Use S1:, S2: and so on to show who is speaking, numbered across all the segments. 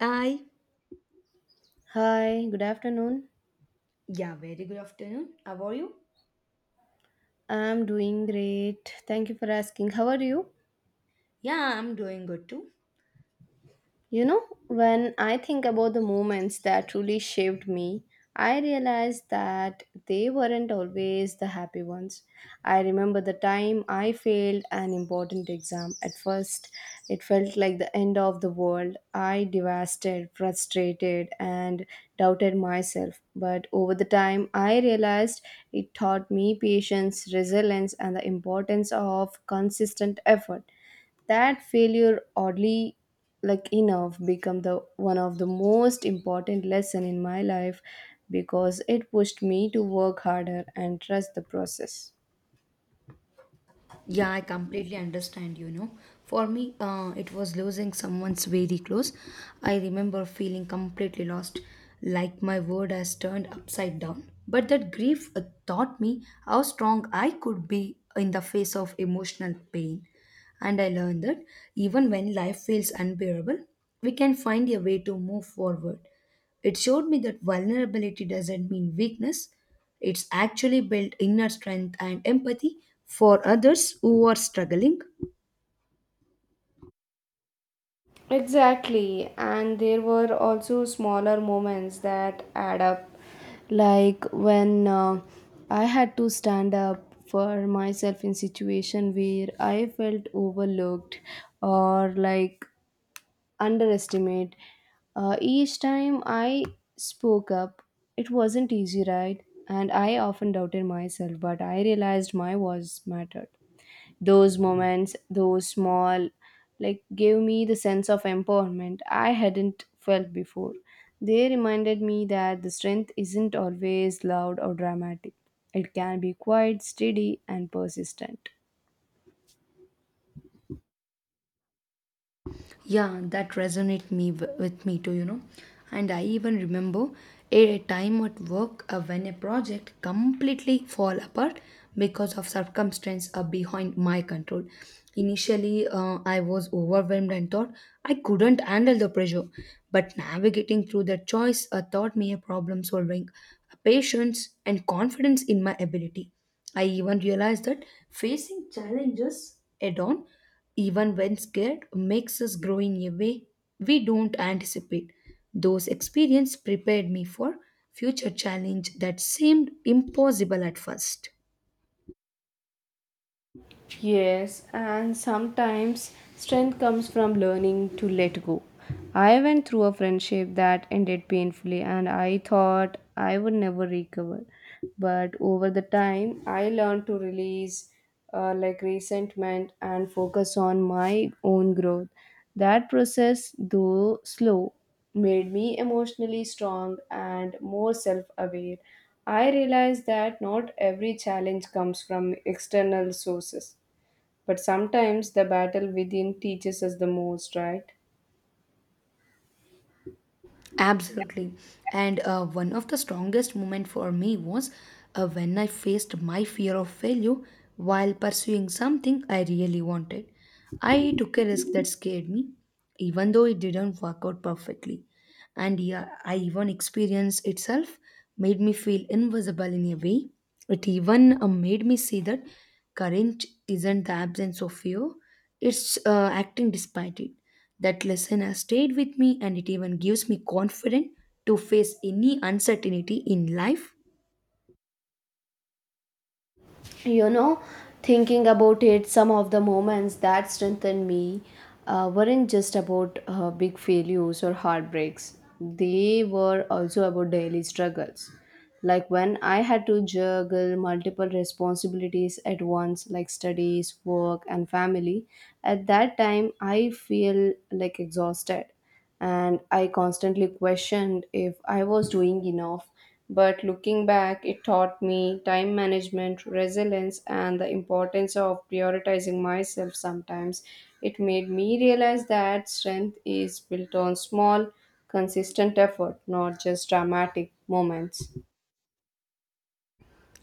S1: Hi.
S2: Hi, good afternoon.
S1: Yeah, very good afternoon. How are you?
S2: I'm doing great. Thank you for asking. How are you?
S1: Yeah, I'm doing good too.
S2: You know, when I think about the moments that truly shaped me, I realized that they weren't always the happy ones. I remember the time I failed an important exam. At first, it felt like the end of the world. I devastated, frustrated, and doubted myself. But over the time, I realized it taught me patience, resilience, and the importance of consistent effort that failure oddly like enough become the one of the most important lesson in my life because it pushed me to work harder and trust the process.
S1: Yeah, I completely understand, you know. For me, it was losing someone's very close. I remember feeling completely lost, like my world has turned upside down. But that grief taught me how strong I could be in the face of emotional pain. And I learned that even when life feels unbearable, we can find a way to move forward. It showed me that vulnerability doesn't mean weakness, it's actually built inner strength and empathy for others who are struggling.
S2: Exactly, and there were also smaller moments that add up, like when I had to stand up for myself in situation where I felt overlooked, or like underestimate. Each time I spoke up, it wasn't easy, right? And I often doubted myself, but I realized my voice mattered. Those moments, those small, like, gave me the sense of empowerment I hadn't felt before. They reminded me that the strength isn't always loud or dramatic. It can be quite steady and persistent.
S1: Yeah, that resonate me with me too, you know. And I even remember a time at work when a project completely fall apart because of circumstance behind my control. Initially, I was overwhelmed and thought I couldn't handle the pressure. But navigating through that choice taught me a problem solving, patience, and confidence in my ability. I even realized that facing challenges head on even when scared, makes us grow in a way we don't anticipate. Those experiences prepared me for future challenge that seemed impossible at first.
S2: Yes, and sometimes strength comes from learning to let go. I went through a friendship that ended painfully, and I thought I would never recover. But over the time, I learned to release like resentment and focus on my own growth. That process, though slow, made me emotionally strong and more self aware. I realized that not every challenge comes from external sources. But sometimes the battle within teaches us the most, right?
S1: Absolutely. And one of the strongest moments for me was when I faced my fear of failure while pursuing something I really wanted. I took a risk that scared me, even though it didn't work out perfectly. And yeah, I even experience itself made me feel invisible in a way. It even made me see that courage isn't the absence of fear; it's acting despite it. That lesson has stayed with me, and it even gives me confidence to face any uncertainty in life.
S2: You know, thinking about it, some of the moments that strengthened me weren't just about big failures or heartbreaks, they were also about daily struggles, like when I had to juggle multiple responsibilities at once, like studies, work, and family. At that time I feel like exhausted, and I constantly questioned if I was doing enough. But looking back, it taught me time management, resilience, and the importance of prioritizing myself sometimes. It made me realize that strength is built on small, consistent effort, not just dramatic moments.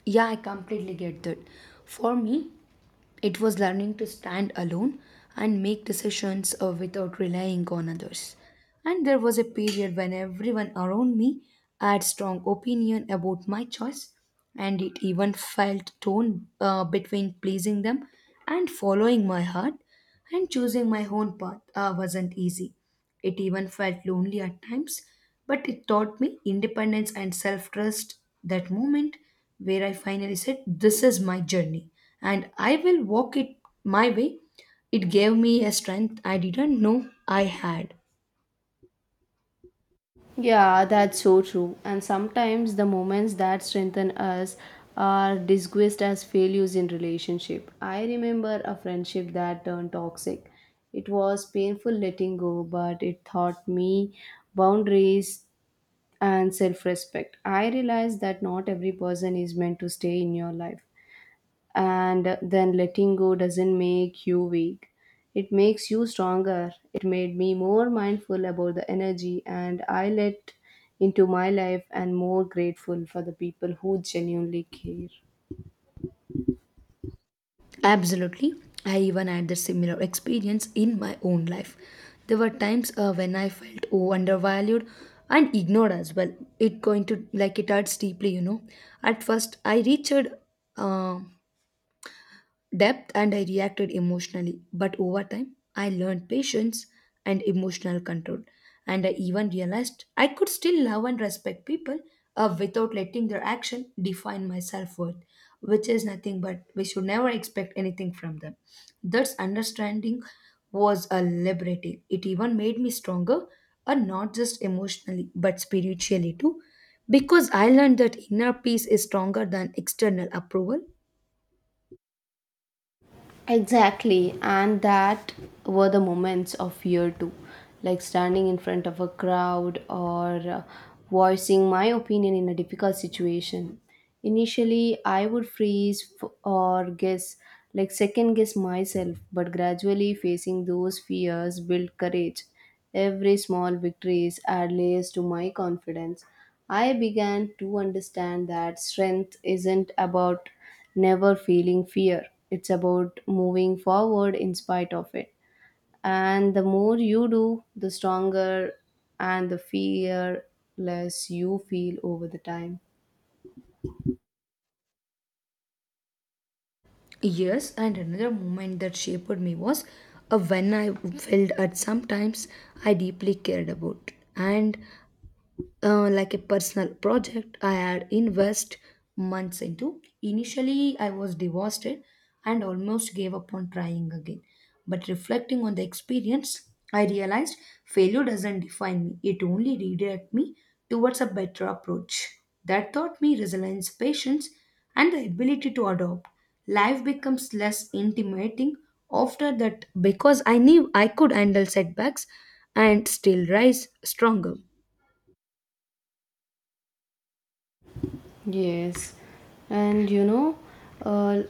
S1: Yeah, I completely get that. For me, it was learning to stand alone and make decisions without relying on others. And there was a period when everyone around me had strong opinion about my choice, and it even felt torn between pleasing them and following my heart, and choosing my own path wasn't easy. It even felt lonely at times, but it taught me independence and self trust. That moment where I finally said, "This is my journey and I will walk it my way," it gave me a strength I didn't know I had.
S2: Yeah, that's so true. And sometimes the moments that strengthen us are disguised as failures in relationship. I remember a friendship that turned toxic. It was painful letting go, but it taught me boundaries and self-respect. I realized that not every person is meant to stay in your life, and then letting go doesn't make you weak, it makes you stronger. It made me more mindful about the energy and I let into my life, and more grateful for the people who genuinely care.
S1: Absolutely. I even had the similar experience in my own life. There were times when I felt oh, undervalued and ignored as well. It going to like it hurts deeply, you know. At first, I reached uh, depth and I reacted emotionally. But over time, I learned patience and emotional control. And I even realized I could still love and respect people without letting their action define my self worth, which is nothing but we should never expect anything from them. That's understanding was a liberating. It even made me stronger, and not just emotionally, but spiritually too. Because I learned that inner peace is stronger than external approval.
S2: Exactly, and that were the moments of fear too, like standing in front of a crowd or voicing my opinion in a difficult situation. Initially, I would freeze, or like second guess myself, but gradually facing those fears built courage. Every small victory is add layers to my confidence. I began to understand that strength isn't about never feeling fear. It's about moving forward in spite of it. And the more you do, the stronger and the fear less you feel over the time.
S1: Yes, and another moment that shaped me was when I felt at sometimes I deeply cared about. And like a personal project I had invest months into. Initially, I was devastated and almost gave up on trying again. But reflecting on the experience, I realized failure doesn't define me, it only redirects me towards a better approach. That taught me resilience, patience, and the ability to adopt. Life becomes less intimidating after that because I knew I could handle setbacks and still rise stronger.
S2: Yes, and you know, uh,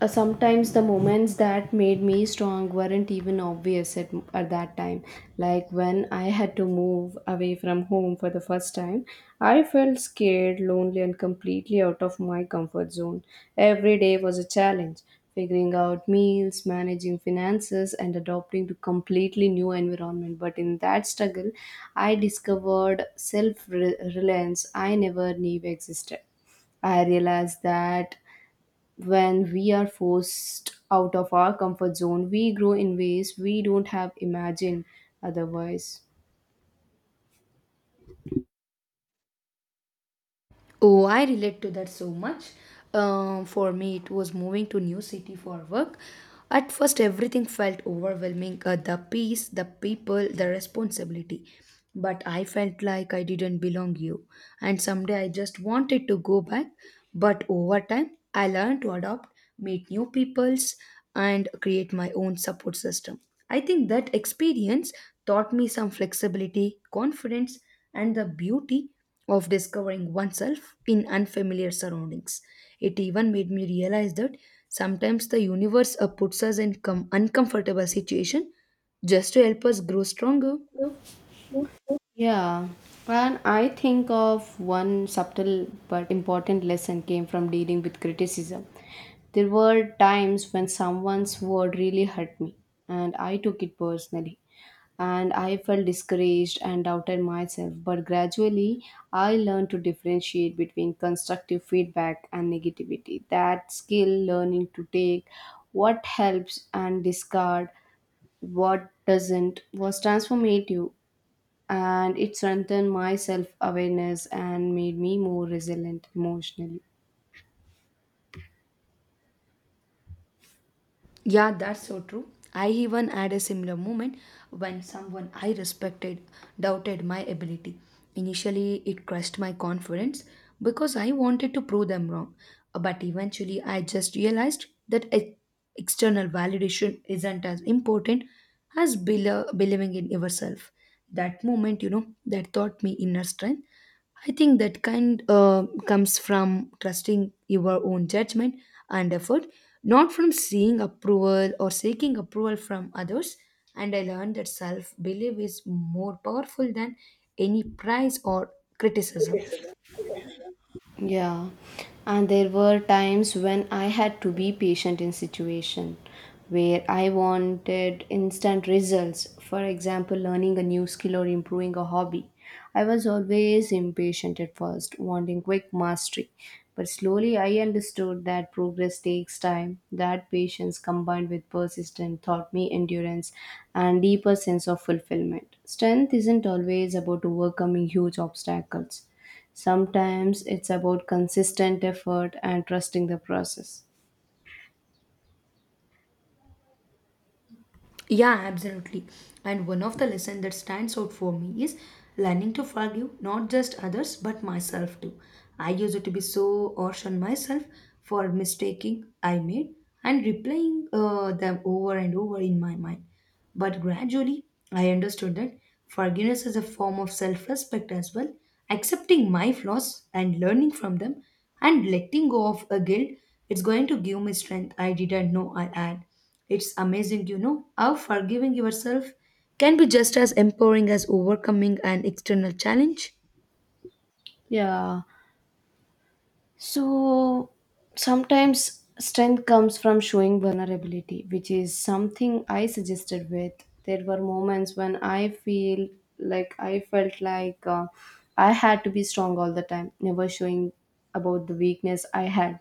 S2: sometimes the moments that made me strong weren't even obvious at that time. Like when I had to move away from home for the first time, I felt scared, lonely, and completely out of my comfort zone. Every day was a challenge, figuring out meals, managing finances, and adopting to completely new environment. But in that struggle, I discovered self reliance I never knew existed. I realized that when we are forced out of our comfort zone, we grow in ways we don't have imagined otherwise.
S1: Oh, I relate to that so much. For me, it was moving to new city for work. At first, everything felt overwhelming: the peace, the people, the responsibility. But I felt like I didn't belong here, and someday I just wanted to go back. But over time, I learned to adopt, meet new peoples, and create my own support system. I think that experience taught me some flexibility, confidence, and the beauty of discovering oneself in unfamiliar surroundings. It even made me realize that sometimes the universe puts us in uncomfortable situation just to help us grow stronger.
S2: Yeah, and I think of one subtle but important lesson came from dealing with criticism. There were times when someone's word really hurt me, and I took it personally. And I felt discouraged and doubted myself, but gradually I learned to differentiate between constructive feedback and negativity. That skill, learning to take what helps and discard what doesn't, was transformative, and it strengthened my self awareness and made me more resilient emotionally.
S1: Yeah, that's so true. I even had a similar moment when someone I respected doubted my ability. Initially, it crushed my confidence because I wanted to prove them wrong. But eventually, I just realized that external validation isn't as important as believing in yourself. That moment, you know, that taught me inner strength. I think that kind comes from trusting your own judgment and effort, not from seeing approval or seeking approval from others. And I learned that self belief is more powerful than any prize or criticism.
S2: Yeah, and there were times when I had to be patient in situation where I wanted instant results. For example, learning a new skill or improving a hobby. I was always impatient at first, wanting quick mastery. But slowly I understood that progress takes time, that patience combined with persistence taught me endurance and deeper sense of fulfillment. Strength isn't always about overcoming huge obstacles. Sometimes it's about consistent effort and trusting the process.
S1: Yeah, absolutely. And one of the lessons that stands out for me is learning to forgive not just others but myself too. I used to be so harsh on myself for mistaking I made and replaying them over and over in my mind. But gradually, I understood that forgiveness is a form of self respect as well, accepting my flaws and learning from them and letting go of a guilt. It's going to give me strength I didn't know I had. It's amazing, you know, how forgiving yourself can be just as empowering as overcoming an external challenge.
S2: Yeah. So sometimes strength comes from showing vulnerability, which is something I suggested with. There were moments when I felt like I had to be strong all the time, never showing about the weakness I had.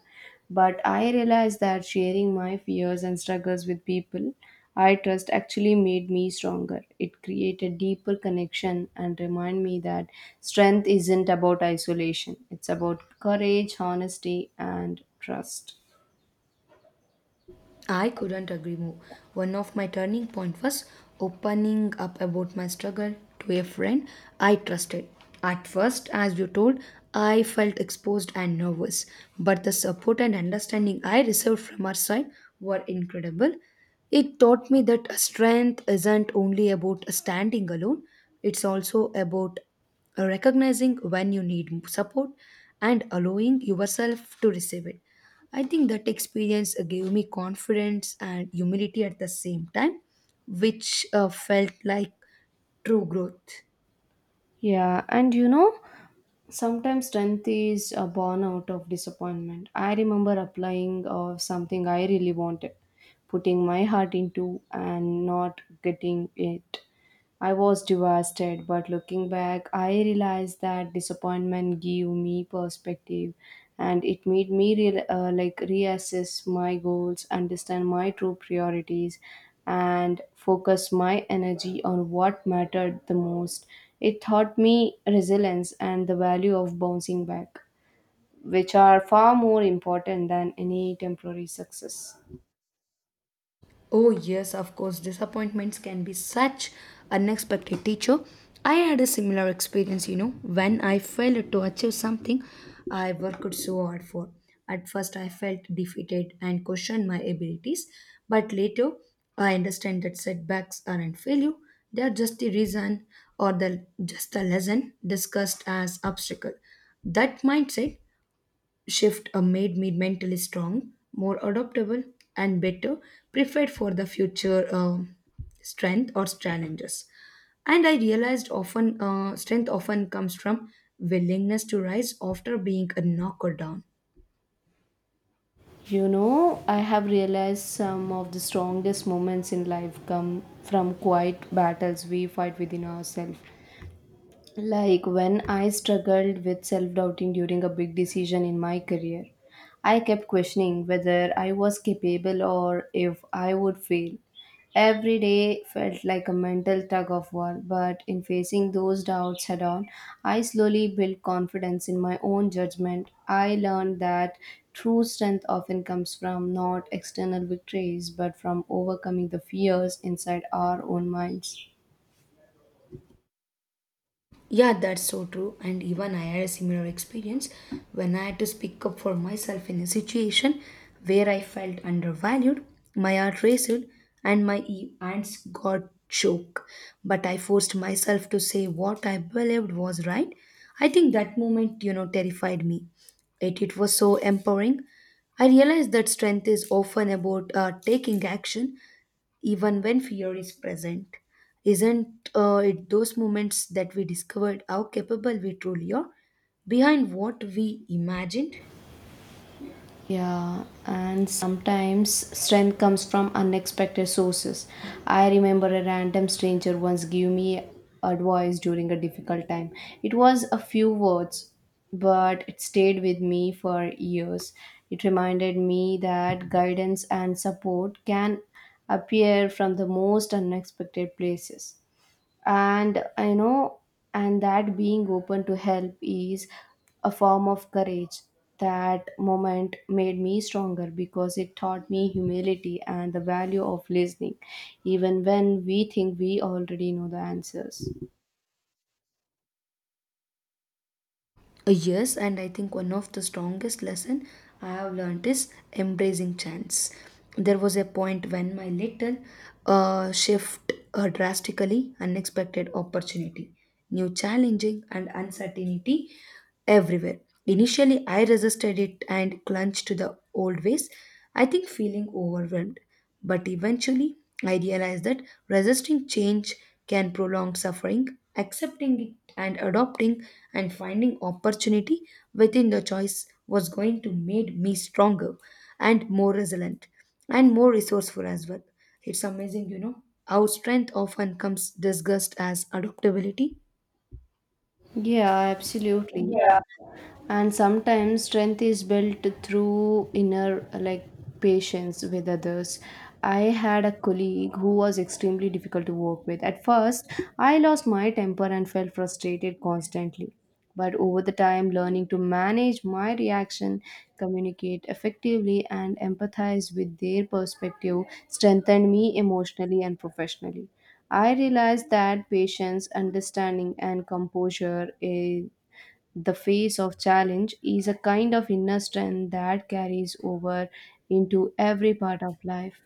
S2: But I realized that sharing my fears and struggles with people I trust actually made me stronger. It created deeper connection and remind me that strength isn't about isolation. It's about courage, honesty, and trust.
S1: I couldn't agree more. One of my turning point was opening up about my struggle to a friend I trusted. At first, as you told, I felt exposed and nervous, but the support and understanding I received from her side were incredible. It taught me that strength isn't only about standing alone, it's also about recognizing when you need support and allowing yourself to receive it. I think that experience gave me confidence and humility at the same time, which felt like true growth.
S2: Yeah, and you know, sometimes strength is born out of disappointment. I remember applying of something I really wanted, putting my heart into and not getting it. I was devastated, but looking back, I realized that disappointment gave me perspective, and it made me like reassess my goals, understand my true priorities, and focus my energy on what mattered the most. It taught me resilience and the value of bouncing back, which are far more important than any temporary success.
S1: Oh, yes, of course, disappointments can be such unexpected teacher. I had a similar experience, you know, when I failed to achieve something I worked so hard for. At first, I felt defeated and questioned my abilities, but later, I understand that setbacks aren't failure, they are just the reason or the just a lesson discussed as obstacle. That mindset shift made me mentally strong, more adaptable, and better prepared for the future strength or challenges. And I realized often strength often comes from willingness to rise after being knocked down.
S2: You know, I have realized some of the strongest moments in life come from quiet battles we fight within ourselves. Like when I struggled with self doubting during a big decision in my career, I kept questioning whether I was capable or if I would fail. Every day felt like a mental tug of war, but in facing those doubts head on, I slowly built confidence in my own judgment. I learned that true strength often comes from not external victories but from overcoming the fears inside our own minds.
S1: Yeah, that's so true. And even I had a similar experience when I had to speak up for myself in a situation where I felt undervalued, my heart raced, and my hands got choked. But I forced myself to say what I believed was right. I think that moment, you know, terrified me. It was so empowering. I realized that strength is often about taking action even when fear is present. Isn't it those moments that we discovered how capable we truly are behind what we imagined?
S2: Yeah, and sometimes strength comes from unexpected sources. I remember a random stranger once gave me advice during a difficult time. It was a few words, but it stayed with me for years. It reminded me that guidance and support can appear from the most unexpected places, and I know, and that being open to help is a form of courage. That moment made me stronger because it taught me humility and the value of listening even when we think we already know the answers.
S1: Yes, and I think one of the strongest lesson I have learned is embracing chance. There was a point when my little shift drastically unexpected opportunity, new challenging and uncertainty everywhere. Initially, I resisted it and clung to the old ways. I think feeling overwhelmed. But eventually, I realized that resisting change can prolong suffering, accepting it and adopting and finding opportunity within the choice was going to make me stronger and more resilient and more resourceful as well. It's amazing, you know, how strength often comes disguised as adaptability.
S2: Yeah, absolutely. And sometimes strength is built through inner like patience with others. I had a colleague who was extremely difficult to work with. At first, I lost my temper and felt frustrated constantly, but over the time learning to manage my reaction, communicate effectively, and empathize with their perspective strengthened me emotionally and professionally. I realized that patience, understanding, and composure the face of challenge is a kind of inner strength that carries over into every part of life.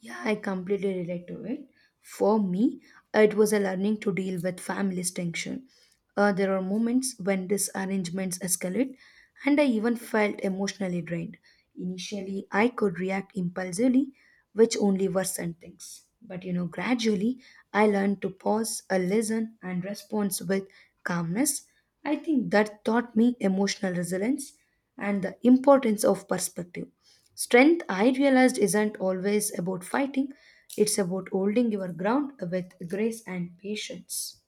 S1: Yeah, I completely relate to it. For me, it was a learning to deal with family's tension. There are moments when disarrangements escalate, and I even felt emotionally drained. Initially, I could react impulsively, which only worsened things. But you know, gradually, I learned to pause, a listen, and respond with calmness. I think that taught me emotional resilience and the importance of perspective. Strength, I realized, isn't always about fighting, it's about holding your ground with grace and patience.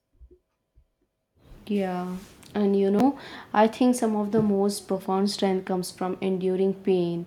S2: Yeah, and you know, I think some of the most profound strength comes from enduring pain.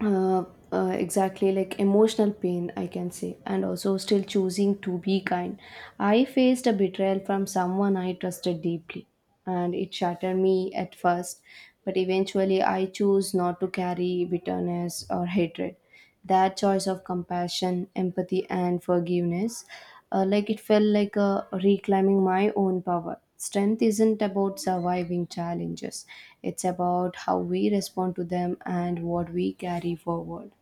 S2: Uh, exactly like emotional pain, I can say, and also still choosing to be kind. I faced a betrayal from someone I trusted deeply, and it shattered me at first, but eventually I chose not to carry bitterness or hatred. That choice of compassion, empathy, and forgiveness. Like it felt like reclaiming my own power. Strength isn't about surviving challenges, it's about how we respond to them and what we carry forward.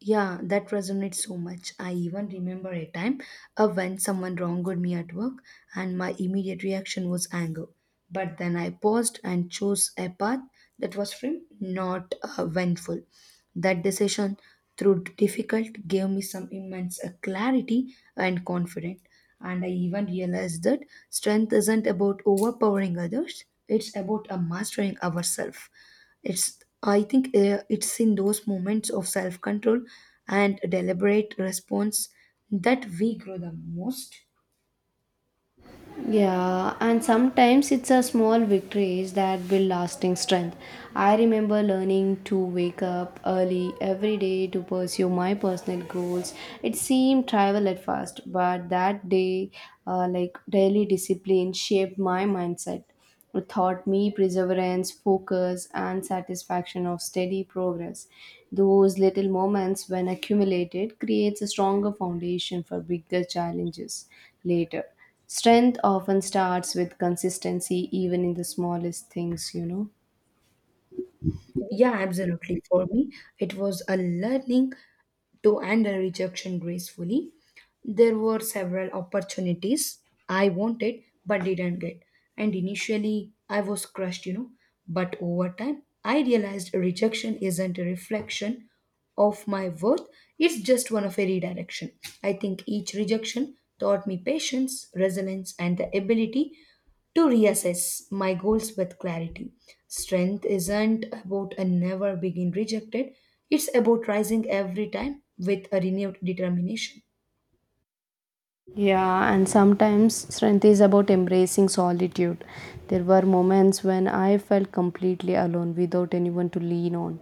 S1: Yeah, that resonates so much. I even remember a time when someone wronged me at work, and my immediate reaction was anger. But then I paused and chose a path that was firm, not vengeful. That decision, through difficult, gave me some immense clarity and confidence. And I even realized that strength isn't about overpowering others, it's about mastering ourselves. It's I think it's in those moments of self control and deliberate response that we grow the most.
S2: Yeah, and sometimes it's a small victories that build lasting strength. I remember learning to wake up early every day to pursue my personal goals. It seemed trivial at first, but that day, like daily discipline, shaped my mindset. It taught me perseverance, focus, and satisfaction of steady progress. Those little moments, when accumulated, creates a stronger foundation for bigger challenges later. Strength often starts with consistency, even in the smallest things, you know.
S1: Yeah, absolutely. For me, it was a learning to handle rejection gracefully. There were several opportunities I wanted but didn't get. And initially, I was crushed, you know. But over time, I realized rejection isn't a reflection of my worth, it's just one of a redirection. I think each rejection taught me patience, resilience, and the ability to reassess my goals with clarity. Strength isn't about a never being rejected, it's about rising every time with a renewed determination.
S2: Yeah, and sometimes strength is about embracing solitude. There were moments when I felt completely alone without anyone to lean on.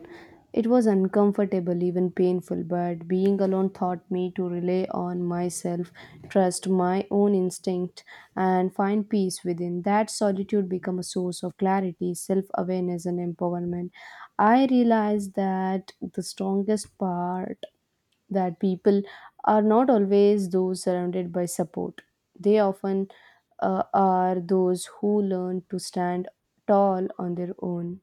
S2: It was uncomfortable, even painful, but being alone taught me to rely on myself, trust my own instinct, and find peace within. That solitude became a source of clarity, self awareness, and empowerment. I realized that the strongest part that people are not always those surrounded by support. They often are those who learn to stand tall on their own.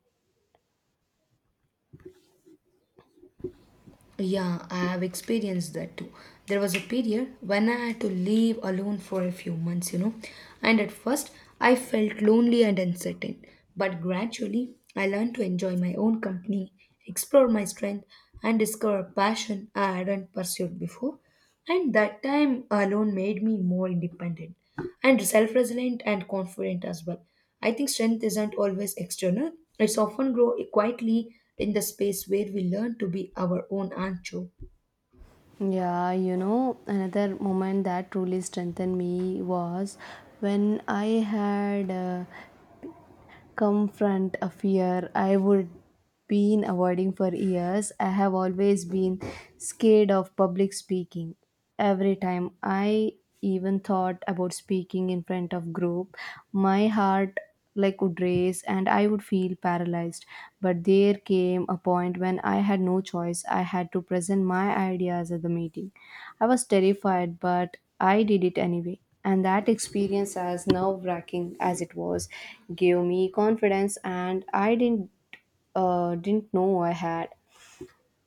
S1: Yeah, I have experienced that too. There was a period when I had to live alone for a few months, you know, and at first I felt lonely and uncertain. But gradually, I learned to enjoy my own company, explore my strength, and discover a passion I hadn't pursued before. And that time alone made me more independent and self resilient and confident as well. I think strength isn't always external, it's often grow quietly in the space where we learn to be our own ancho.
S2: Yeah, you know, another moment that truly strengthened me was when I had confront a fear I would been avoiding for years. I have always been scared of public speaking. Every time I even thought about speaking in front of group, my heart like would race and I would feel paralyzed. But there came a point when I had no choice. I had to present my ideas at the meeting. I was terrified, but I did it anyway. And that experience, as nerve wracking as it was, gave me confidence and I didn't know I had.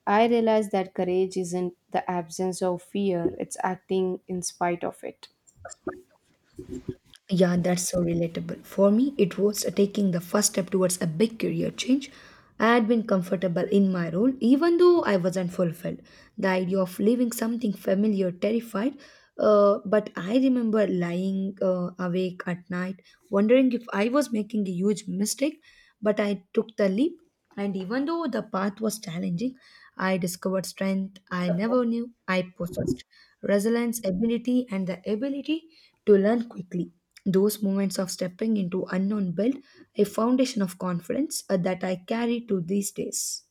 S2: I realized that courage isn't the absence of fear, it's acting in spite of it.
S1: Yeah, that's so relatable. For me, it was taking the first step towards a big career change. I had been comfortable in my role, even though I wasn't fulfilled. The idea of leaving something familiar terrified, but I remember lying awake at night, wondering if I was making a huge mistake. But I took the leap, and even though the path was challenging, I discovered strength I never knew I possessed, resilience, ability, and the ability to learn quickly. Those moments of stepping into unknown built a foundation of confidence that I carry to these days.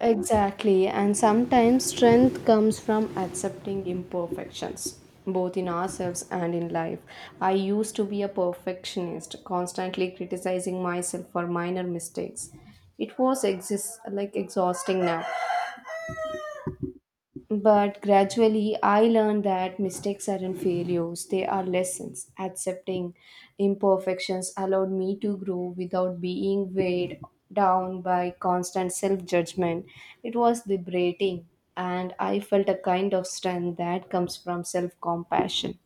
S2: Exactly, and sometimes strength comes from accepting imperfections, both in ourselves and in life. I used to be a perfectionist, constantly criticizing myself for minor mistakes. It was like exhausting now. But gradually, I learned that mistakes aren't failures, they are lessons. Accepting imperfections allowed me to grow without being weighed down by constant self judgment. It was liberating, and I felt a kind of strength that comes from self compassion.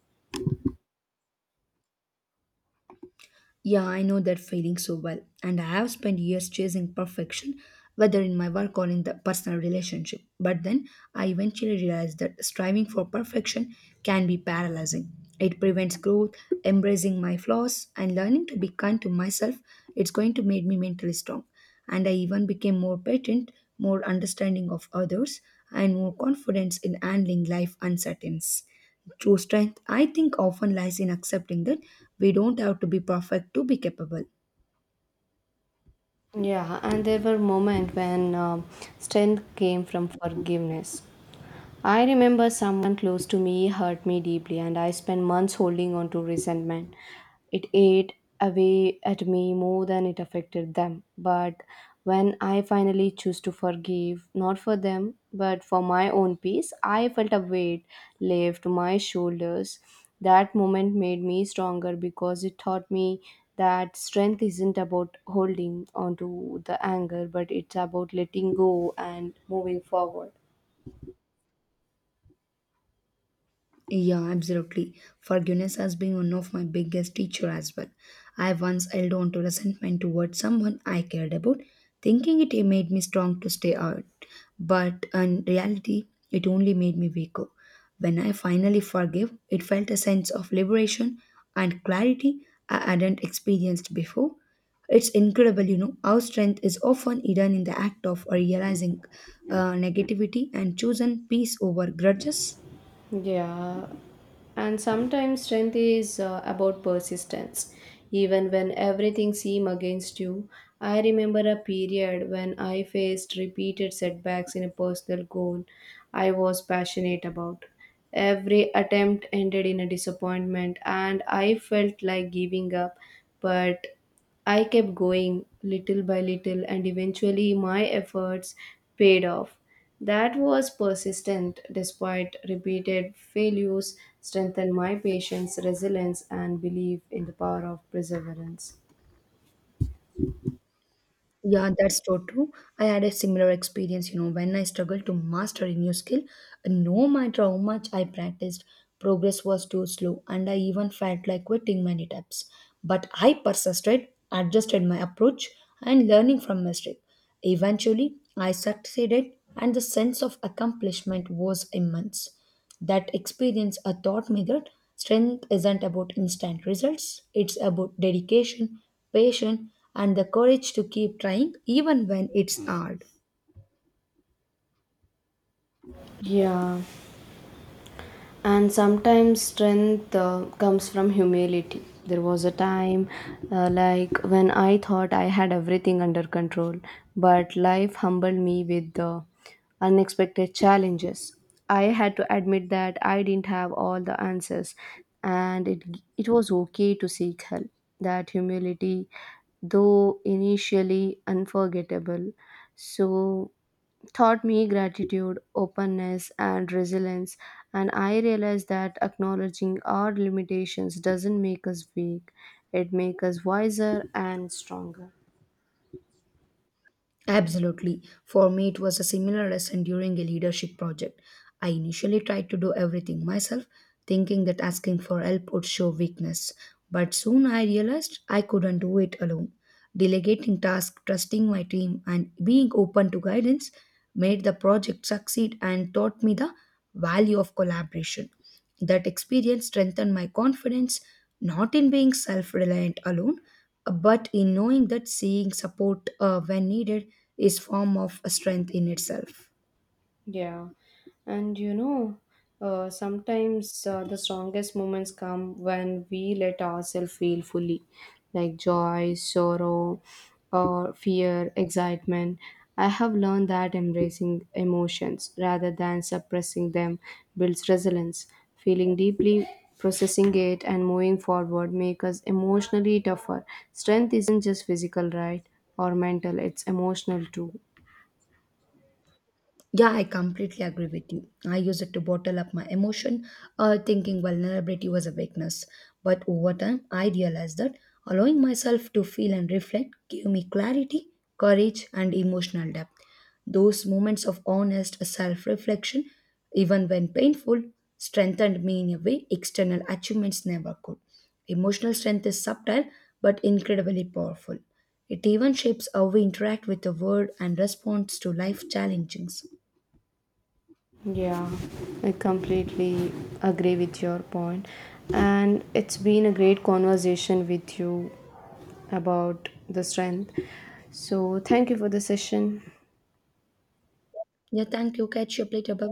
S1: Yeah, I know that feeling so well, and I have spent years chasing perfection, whether in my work or in the personal relationship. But then I eventually realized that striving for perfection can be paralyzing. It prevents growth, embracing my flaws, and learning to be kind to myself. It's going to make me mentally strong. And I even became more patient, more understanding of others, and more confidence in handling life uncertainties. True strength, I think, often lies in accepting that we don't have to be perfect to be capable.
S2: Yeah, and there were moments when strength came from forgiveness. I remember someone close to me hurt me deeply, and I spent months holding on to resentment. It ate away at me more than it affected them. But when I finally chose to forgive, not for them, but for my own peace, I felt a weight left my shoulders. That moment made me stronger because it taught me that strength isn't about holding onto the anger, but it's about letting go and moving forward.
S1: Yeah, absolutely. Forgiveness has been one of my biggest teacher as well. I once held on to resentment towards someone I cared about, thinking it made me strong to stay out. But in reality, it only made me weaker. When I finally forgave, it felt a sense of liberation and clarity I hadn't experienced before. It's incredible, you know, how strength is often hidden in the act of realizing negativity and choosing peace over grudges.
S2: Yeah, and sometimes strength is about persistence. Even when everything seems against you, I remember a period when I faced repeated setbacks in a personal goal I was passionate about. Every attempt ended in a disappointment, and I felt like giving up, but I kept going little by little, and eventually my efforts paid off. That was persistent despite repeated failures, strengthened my patience, resilience, and belief in the power of perseverance.
S1: Yeah, that's so true. I had a similar experience, you know, when I struggled to master a new skill. No matter how much I practiced, progress was too slow, and I even felt like quitting many times. But I persisted, adjusted my approach, and learning from mistake. Eventually, I succeeded, and the sense of accomplishment was immense. That experience taught me that strength isn't about instant results, it's about dedication, patience, and the courage to keep trying even when it's hard.
S2: Yeah. And sometimes strength comes from humility. There was a time like when I thought I had everything under control, but life humbled me with the unexpected challenges. I had to admit that I didn't have all the answers, and it was okay to seek help. That humility, though initially unforgettable, so taught me gratitude, openness, and resilience. And I realized that acknowledging our limitations doesn't make us weak, it makes us wiser and stronger.
S1: Absolutely. For me, it was a similar lesson during a leadership project. I initially tried to do everything myself, thinking that asking for help would show weakness. But soon I realized I couldn't do it alone. Delegating tasks, trusting my team, and being open to guidance made the project succeed and taught me the value of collaboration. That experience strengthened my confidence, not in being self reliant alone, but in knowing that seeing support when needed is form of strength in itself.
S2: Yeah, and you know, sometimes the strongest moments come when we let ourselves feel fully, like joy, sorrow, or fear, excitement. I have learned that embracing emotions rather than suppressing them builds resilience. Feeling deeply, processing it, and moving forward make us emotionally tougher. Strength isn't just physical, right? Or mental, it's emotional too.
S1: Yeah, I completely agree with you. I used it to bottle up my emotion, thinking vulnerability was a weakness. But over time, I realized that allowing myself to feel and reflect gave me clarity, courage, and emotional depth. Those moments of honest self reflection, even when painful, strengthened me in a way external achievements never could. Emotional strength is subtle but incredibly powerful. It even shapes how we interact with the world and response to life challenges.
S2: Yeah, I completely agree with your point. And it's been a great conversation with you about the strength. So, thank you for the session.
S1: Yeah, thank you. Catch you up later. Bye